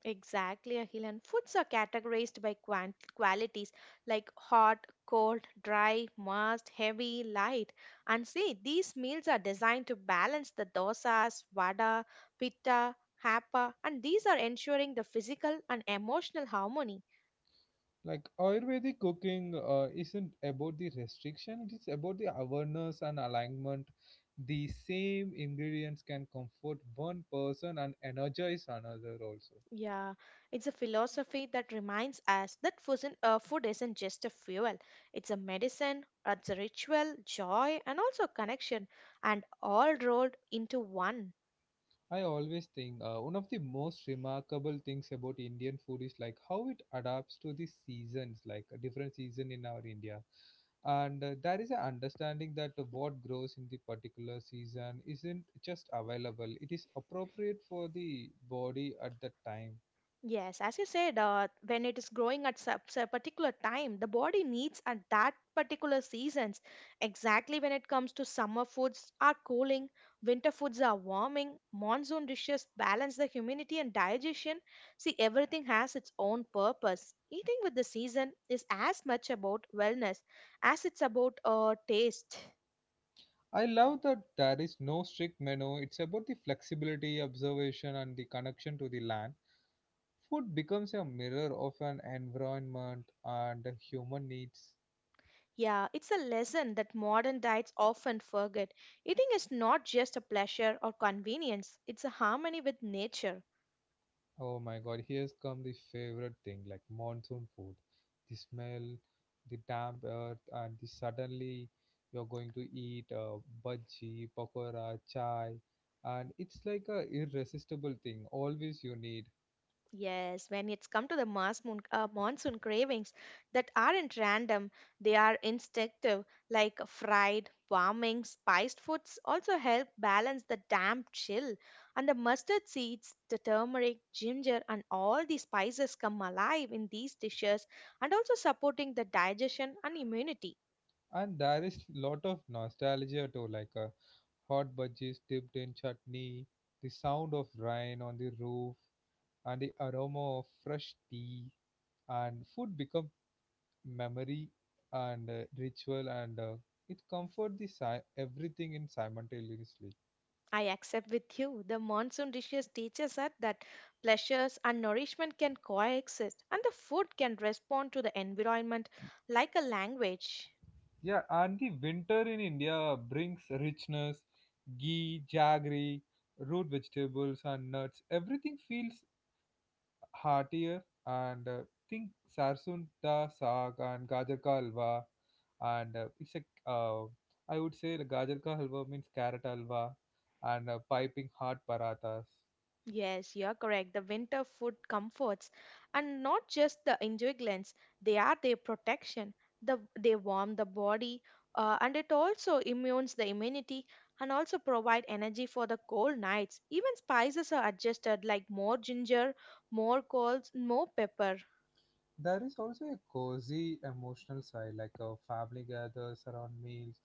Speaker 2: Exactly, Akhil. And foods are categorized by qualities like hot, cold, dry, moist, heavy, light. And see, these meals are designed to balance the dosas, vada, pitta, hapa, and these are ensuring the physical and emotional harmony.
Speaker 1: Like Ayurvedic cooking isn't about the restriction, it is about the awareness and alignment. The same ingredients can comfort one person and energize another also.
Speaker 2: Yeah, it's a philosophy that reminds us that food isn't just a fuel, it's a medicine, it's a ritual, joy, and also connection, and all rolled into one.
Speaker 1: I always think one of the most remarkable things about Indian food is like how it adapts to the seasons, like a different season in our India. And There is an understanding that what grows in the particular season isn't just available, it is appropriate for the body at that time.
Speaker 2: Yes, as you said, when it is growing at a particular time, the body needs at that particular seasons. Exactly when it comes to summer foods are cooling, winter foods are warming, monsoon dishes balance the humidity and digestion. See, everything has its own purpose. Eating with the season is as much about wellness as it's about taste.
Speaker 1: I love that there is no strict menu, it's about the flexibility, observation, and the connection to the land. Food becomes a mirror of an environment and human needs.
Speaker 2: Yeah, it's a lesson that modern diets often forget. Eating is not just a pleasure or convenience, it's a harmony with nature.
Speaker 1: Oh my god, here's come the favorite thing like monsoon food. The smell, the damp earth, and the suddenly you're going to eat bhaji, pakora, chai, and it's like a irresistible thing. Always you need,
Speaker 2: Yes, when it's come to the monsoon cravings that aren't random, they are instinctive, like fried, warming, spiced foods also help balance the damp chill. And the mustard seeds, the turmeric, ginger, and all the spices come alive in these dishes and also supporting the digestion and immunity.
Speaker 1: and there is lot of nostalgia too, hot bhajis dipped in chutney, the sound of rain on the roof, and the aroma of fresh tea and food become memory and ritual and it comforts the everything in simultaneously.
Speaker 2: I accept with you. The monsoon dishes teaches us that pleasures and nourishment can coexist, and the food can respond to the environment like a language.
Speaker 1: Yeah, and the winter in India brings richness, ghee, jaggery, root vegetables, and nuts. Everything feels heartier, and think sarsunta saag and gajar ka halwa, and it's a uh, I would say the gajar ka halwa means carrot halwa and piping hot parathas.
Speaker 2: Yes, you're correct. The winter food comforts, and not just the enjoyments, they are their protection. They warm the body, and it also immunes the immunity and also provide energy for the cold nights. Even spices are adjusted, like more ginger, more coals, more pepper.
Speaker 1: There is also a cozy emotional side, like a family gathers around meals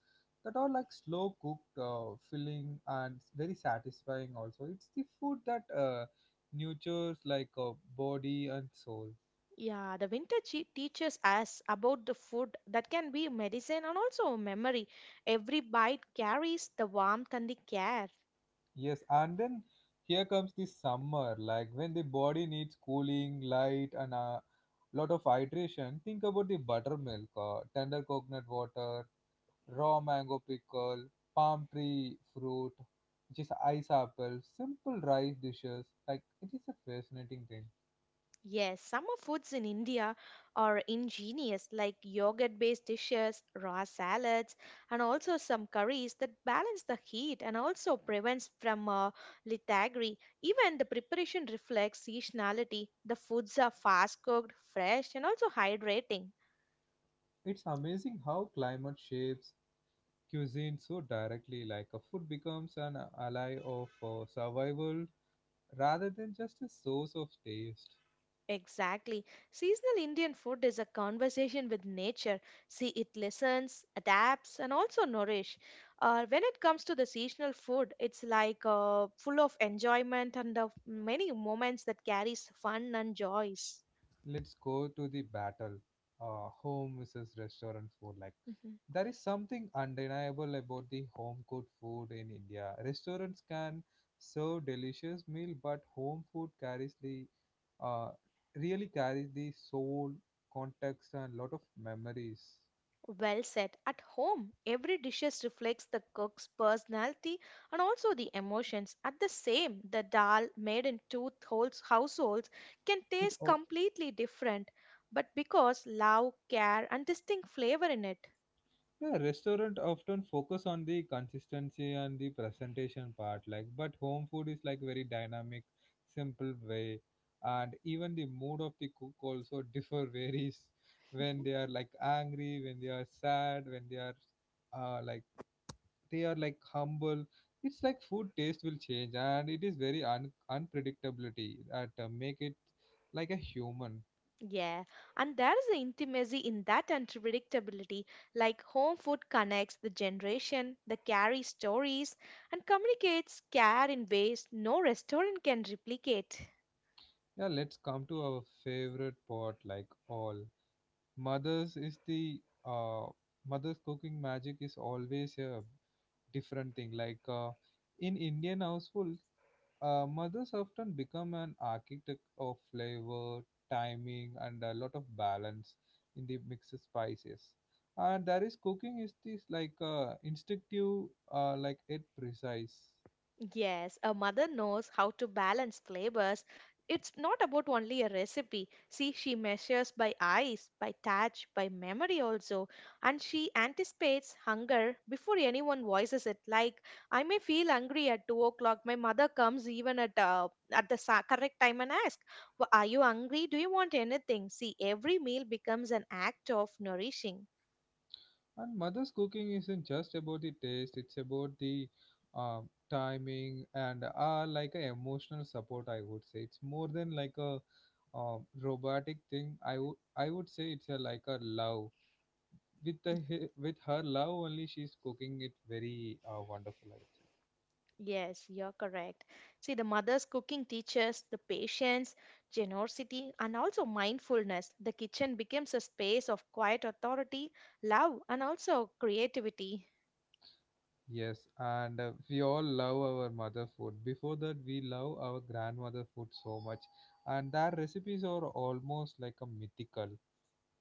Speaker 1: that are like slow cooked, filling, and very satisfying. Also, it's the food that nurtures like a body and soul.
Speaker 2: Yeah, the teaches us about the food that can be medicine and also memory. Every bite carries the warmth and the care.
Speaker 1: Yes, and then here comes the summer, like when the body needs cooling, light, and a lot of hydration. Think about the buttermilk, tender coconut water, raw mango pickle, palm tree fruit, which is ice apple, simple rice dishes. Like it is a fascinating thing.
Speaker 2: Yes, summer foods in India are ingenious, like yogurt based dishes, raw salads, and also some curries that balance the heat and also prevents from lethargy. Even the preparation reflects seasonality. The foods are fast cooked, fresh, and also hydrating.
Speaker 1: It's amazing how climate shapes cuisine so directly. Like a food becomes an ally of survival rather than just a source of taste.
Speaker 2: Exactly. Seasonal Indian food is a conversation with nature. See, it listens, adapts, and also nourish. When it comes to the seasonal food, it's like full of enjoyment and of many moments that carries fun and joys.
Speaker 1: Let's go to the battle, home versus restaurant food. Like
Speaker 2: Mm-hmm.
Speaker 1: there is something undeniable about the home cooked food in India. Restaurants can serve delicious meal, but home food carries the uh, really carries the soul, context, and lot of memories.
Speaker 2: Well said. At home, every dishes reflects the cook's personality and also the emotions. At the same, the dal made in households can
Speaker 1: it
Speaker 2: taste
Speaker 1: al-
Speaker 2: completely different, but because love, care, and distinct flavor in it.
Speaker 1: Yeah, restaurant often focus on the consistency and the presentation part, like but home food is like very dynamic, simple way, and even the mood of the cook also differ varies when they are like angry, when they are sad, when they are like they are like humble. It's like food taste will change, and it is very unpredictability that make it like a human.
Speaker 2: Yeah, and there is the intimacy in that unpredictability. Like home food connects the generation, the carry stories, and communicates care in ways no restaurant can replicate.
Speaker 1: Yeah, let's come to our favorite part, like all. Mother's is the uh, Mother's cooking magic is always a different thing. In Indian households, mothers often become an architect of flavor, timing, and a lot of balance in the mixed spices. And there is cooking is this like instinctive, like it precise.
Speaker 2: Yes, a mother knows how to balance flavors. It's not about only a recipe. See, she measures by eyes, by touch, by memory also. And she anticipates hunger before anyone voices it. Like, I may feel hungry at 2 o'clock. My mother comes even at the correct time and asks, are you hungry? Do you want anything? See, every meal becomes an act of nourishing.
Speaker 1: And mother's cooking isn't just about the taste, it's about the uh, timing and like a emotional support, I would say. It's more than like a robotic thing. I would say it's a, like a love. With the with her love only, she's cooking it very wonderful, I would say.
Speaker 2: Yes, you're correct. See, the mother's cooking teaches the patience, generosity, and also mindfulness. The kitchen becomes a space of quiet authority, love, and also creativity.
Speaker 1: Yes, and we all love our mother food. Before that, we love our grandmother food so much, and their recipes are almost like a mythical.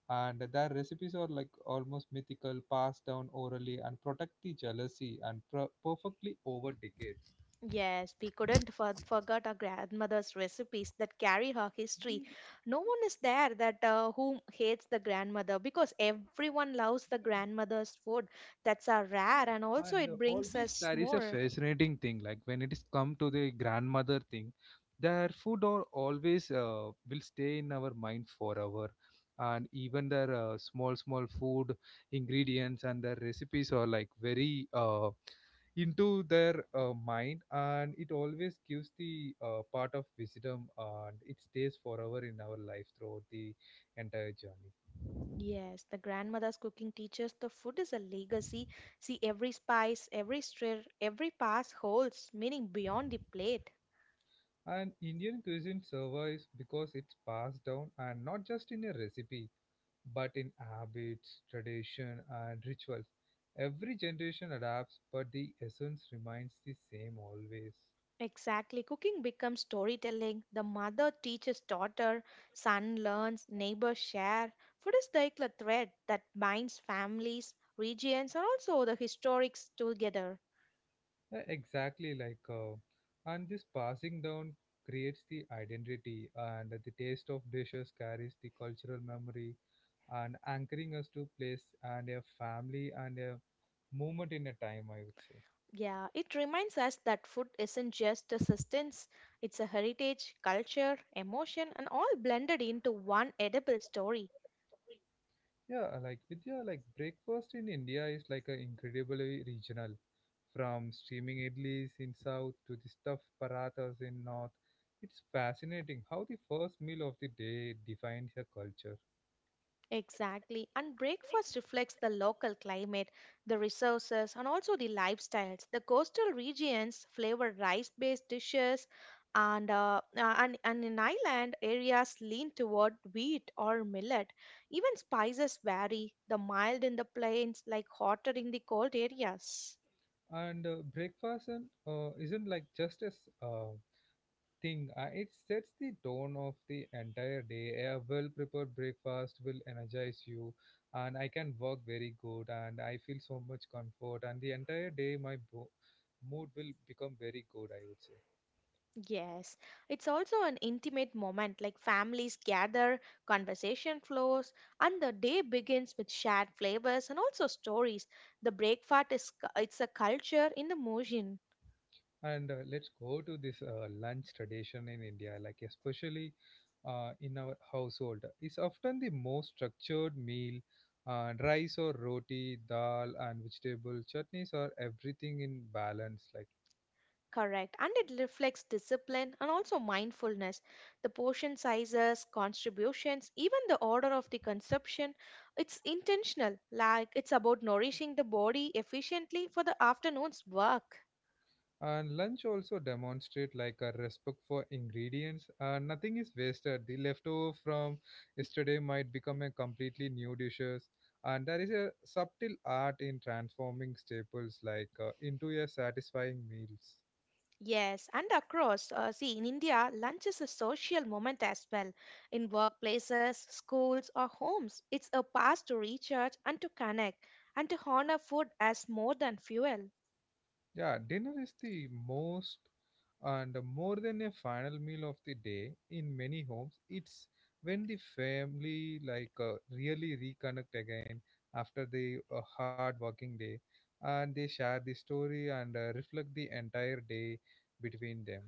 Speaker 1: And their recipes are like almost mythical, passed down orally, and protect the jealousy and perfectly over decades.
Speaker 2: Yes, we couldn't forget our grandmother's recipes that carry her history. No one is there that whom hates the grandmother because everyone loves the grandmother's food. That's a rare, and also
Speaker 1: And
Speaker 2: it
Speaker 1: Always
Speaker 2: brings us
Speaker 1: there is a
Speaker 2: more.
Speaker 1: fascinating thing, like when it is come to the grandmother thing, their food or always will stay in our mind forever, and even their small food ingredients and their recipes are like very into their mind, and it always gives the part of wisdom, and it stays forever in our life throughout the entire journey.
Speaker 2: Yes, the grandmother's cooking teaches the food is a legacy. See, every spice, every stir, every pass holds meaning beyond the plate.
Speaker 1: And Indian cuisine survives because it's passed down and not just in a recipe, but in habits, tradition, and rituals. Every generation adapts, but the essence remains the same always.
Speaker 2: Exactly. Cooking becomes storytelling. The mother teaches daughter, son learns, neighbor share. Food is like a thread that binds families, regions, and also the historics together.
Speaker 1: Yeah, exactly like, and this passing down creates the identity, and the taste of dishes carries the cultural memory, and anchoring us to place and a family and a moment in a time. I would say.
Speaker 2: Yeah, it reminds us that food isn't just a sustenance, it's a heritage, culture, emotion, and all blended into one edible story.
Speaker 1: Yeah, like Vidya, like breakfast in India is like a incredibly regional. From steaming idlis in south to the stuffed parathas in north, it's fascinating how the first meal of the day defines a culture.
Speaker 2: Exactly. And breakfast reflects the local climate, the resources, and also the lifestyles. The coastal regions flavor rice-based dishes, and, and in island areas lean toward wheat or millet. Even spices vary. The mild in the plains, like hotter in the cold areas.
Speaker 1: And Breakfast and, isn't like just as thing. It sets the tone of the entire day. A well-prepared breakfast will energize you, and I can work very good, and I feel so much comfort. And the entire day, my mood will become very good. I would say.
Speaker 2: Yes, it's also an intimate moment like families gather, conversation flows, and the day begins with shared flavors and also stories. The breakfast is it's a culture in the motion,
Speaker 1: And let's go to this lunch tradition in India, like especially in our household. It's often the most structured meal, and rice or roti, dal, and vegetable chutneys are everything in balance. Like
Speaker 2: correct, and it reflects discipline and also mindfulness. The portion sizes, contributions, even the order of the consumption, it's intentional, like it's about nourishing the body efficiently for the afternoon's work.
Speaker 1: and lunch also demonstrate like a respect for ingredients. Nothing is wasted. The leftover from yesterday might become a completely new dishes. And there is a subtle art in transforming staples like into a satisfying meals.
Speaker 2: Yes, and across, see, in India, lunch is a social moment as well. In workplaces, schools, or homes, it's a pass to recharge and to connect and to honor food as more than fuel.
Speaker 1: Yeah, dinner is the most and more than a final meal of the day in many homes. It's when the family like really reconnect again after the hard working day, and they share the story and reflect the entire day between them.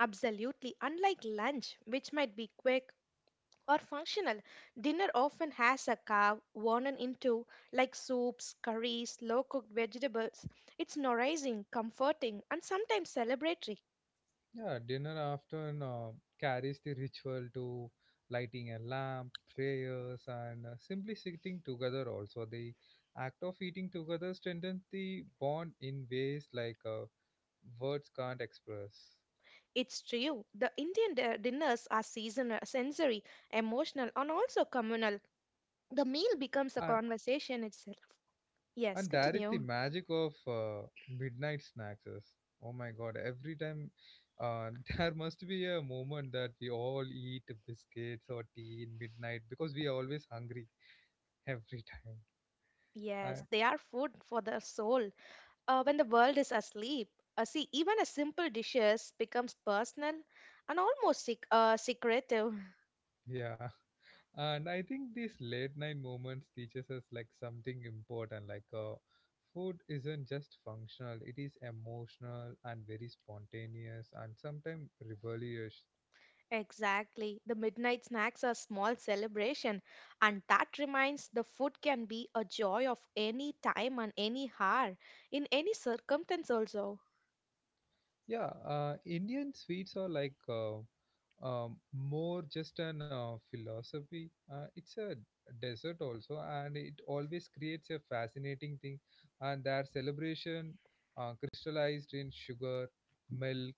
Speaker 2: Absolutely, unlike lunch, which might be quick or functional, dinner often has a carve worn into like soups, curries, low cooked vegetables. It's nourishing, comforting, and sometimes celebratory.
Speaker 1: Yeah, dinner often carries the ritual to lighting a lamp, prayers, and simply sitting together. Also, the act of eating together strengthens the bond in ways words can't express.
Speaker 2: It's true. The Indian dinners are seasonal, sensory, emotional, and also communal. The meal becomes
Speaker 1: And
Speaker 2: a conversation itself. Yes,
Speaker 1: and that is the
Speaker 2: continue.
Speaker 1: magic of midnight snacks. Oh my God! Every time uh, there must be a moment that we all eat biscuits or tea in midnight because we are always hungry every time.
Speaker 2: Yes,
Speaker 1: And
Speaker 2: they are food for the soul. When the world is asleep, see, even a simple dishes becomes personal and almost secretive.
Speaker 1: yeah. And I think these late night moments teaches us like something important, food isn't just functional, it is emotional and very spontaneous and sometimes rebellious.
Speaker 2: Exactly. The midnight snacks are small celebration, and that reminds the food can be a joy of any time and any hour, in any circumstance also.
Speaker 1: Yeah, Indian sweets are like more just an philosophy. It's a desert also, and it always creates a fascinating thing, and their celebration crystallized in sugar, milk,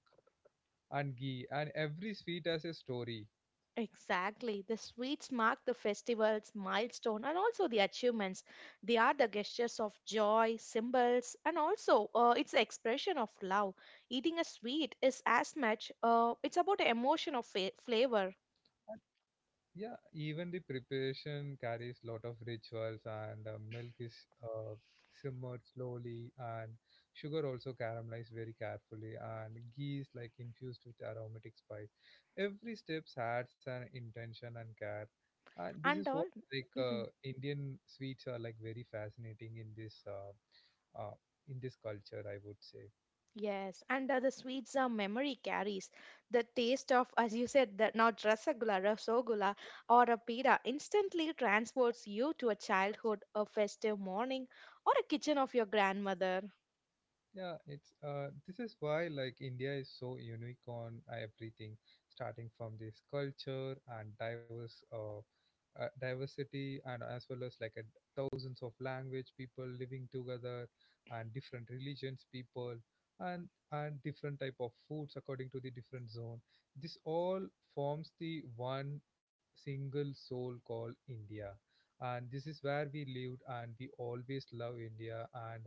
Speaker 1: and ghee, and every sweet has a story.
Speaker 2: Exactly. The sweets mark the festivals, milestone, and also the achievements. They are the gestures of joy, symbols, and also it's the expression of love. Eating a sweet is as much. It's about the emotion of flavor
Speaker 1: Yeah, even the preparation carries lot of rituals, and milk is uh, simmered slowly, and sugar also caramelized very carefully, and ghee is like infused with aromatic spice. Every step adds an intention and care, and this is
Speaker 2: and
Speaker 1: what
Speaker 2: all.
Speaker 1: like
Speaker 2: Mhm.
Speaker 1: Indian sweets are like very fascinating uh, in this culture, I would say.
Speaker 2: Yes, and the sweets are memory carries the taste of, as you said, that now rasagula, rasogula, or a pida instantly transports you to a childhood, a festive morning, or a kitchen of your grandmother.
Speaker 1: Yeah, it's this is why like India is so unique on everything, starting from this culture and diverse diversity, and as well as like a, thousands of language people living together, and different religions people, and different type of foods according to the different zone. This all forms the one single soul called India, and this is where we lived, and we always love India, and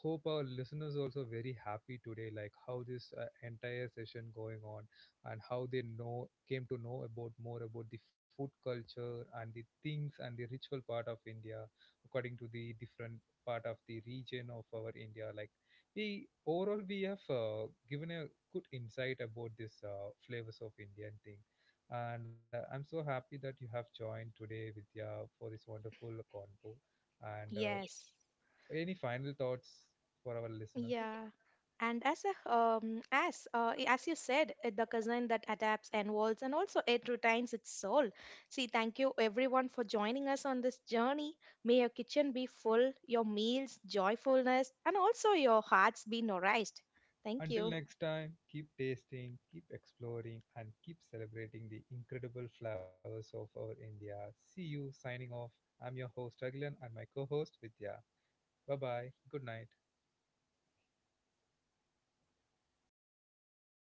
Speaker 1: hope our listeners also very happy today like how this entire session going on, and how they know came to know about more about the food culture and the things and the ritual part of India according to the different part of the region of our India. Like we overall we have given a good insight about this flavors of Indian thing, and I'm so happy that you have joined today, Vidya, for this wonderful convo, and
Speaker 2: Yes,
Speaker 1: any final thoughts for our listeners? Yeah.
Speaker 2: yeah, and as a as you said, the cousin that adapts and evolves and also it retains its soul. See, thank you everyone for joining us on this journey. May your kitchen be full, your meals joyfulness, and also your hearts be nourished. Thank
Speaker 1: Until
Speaker 2: you.
Speaker 1: next time, keep tasting, keep exploring, and keep celebrating the incredible flowers of our India. See you signing off. I'm your host, Agilan, and my co host, Vidya. Bye bye. Good night.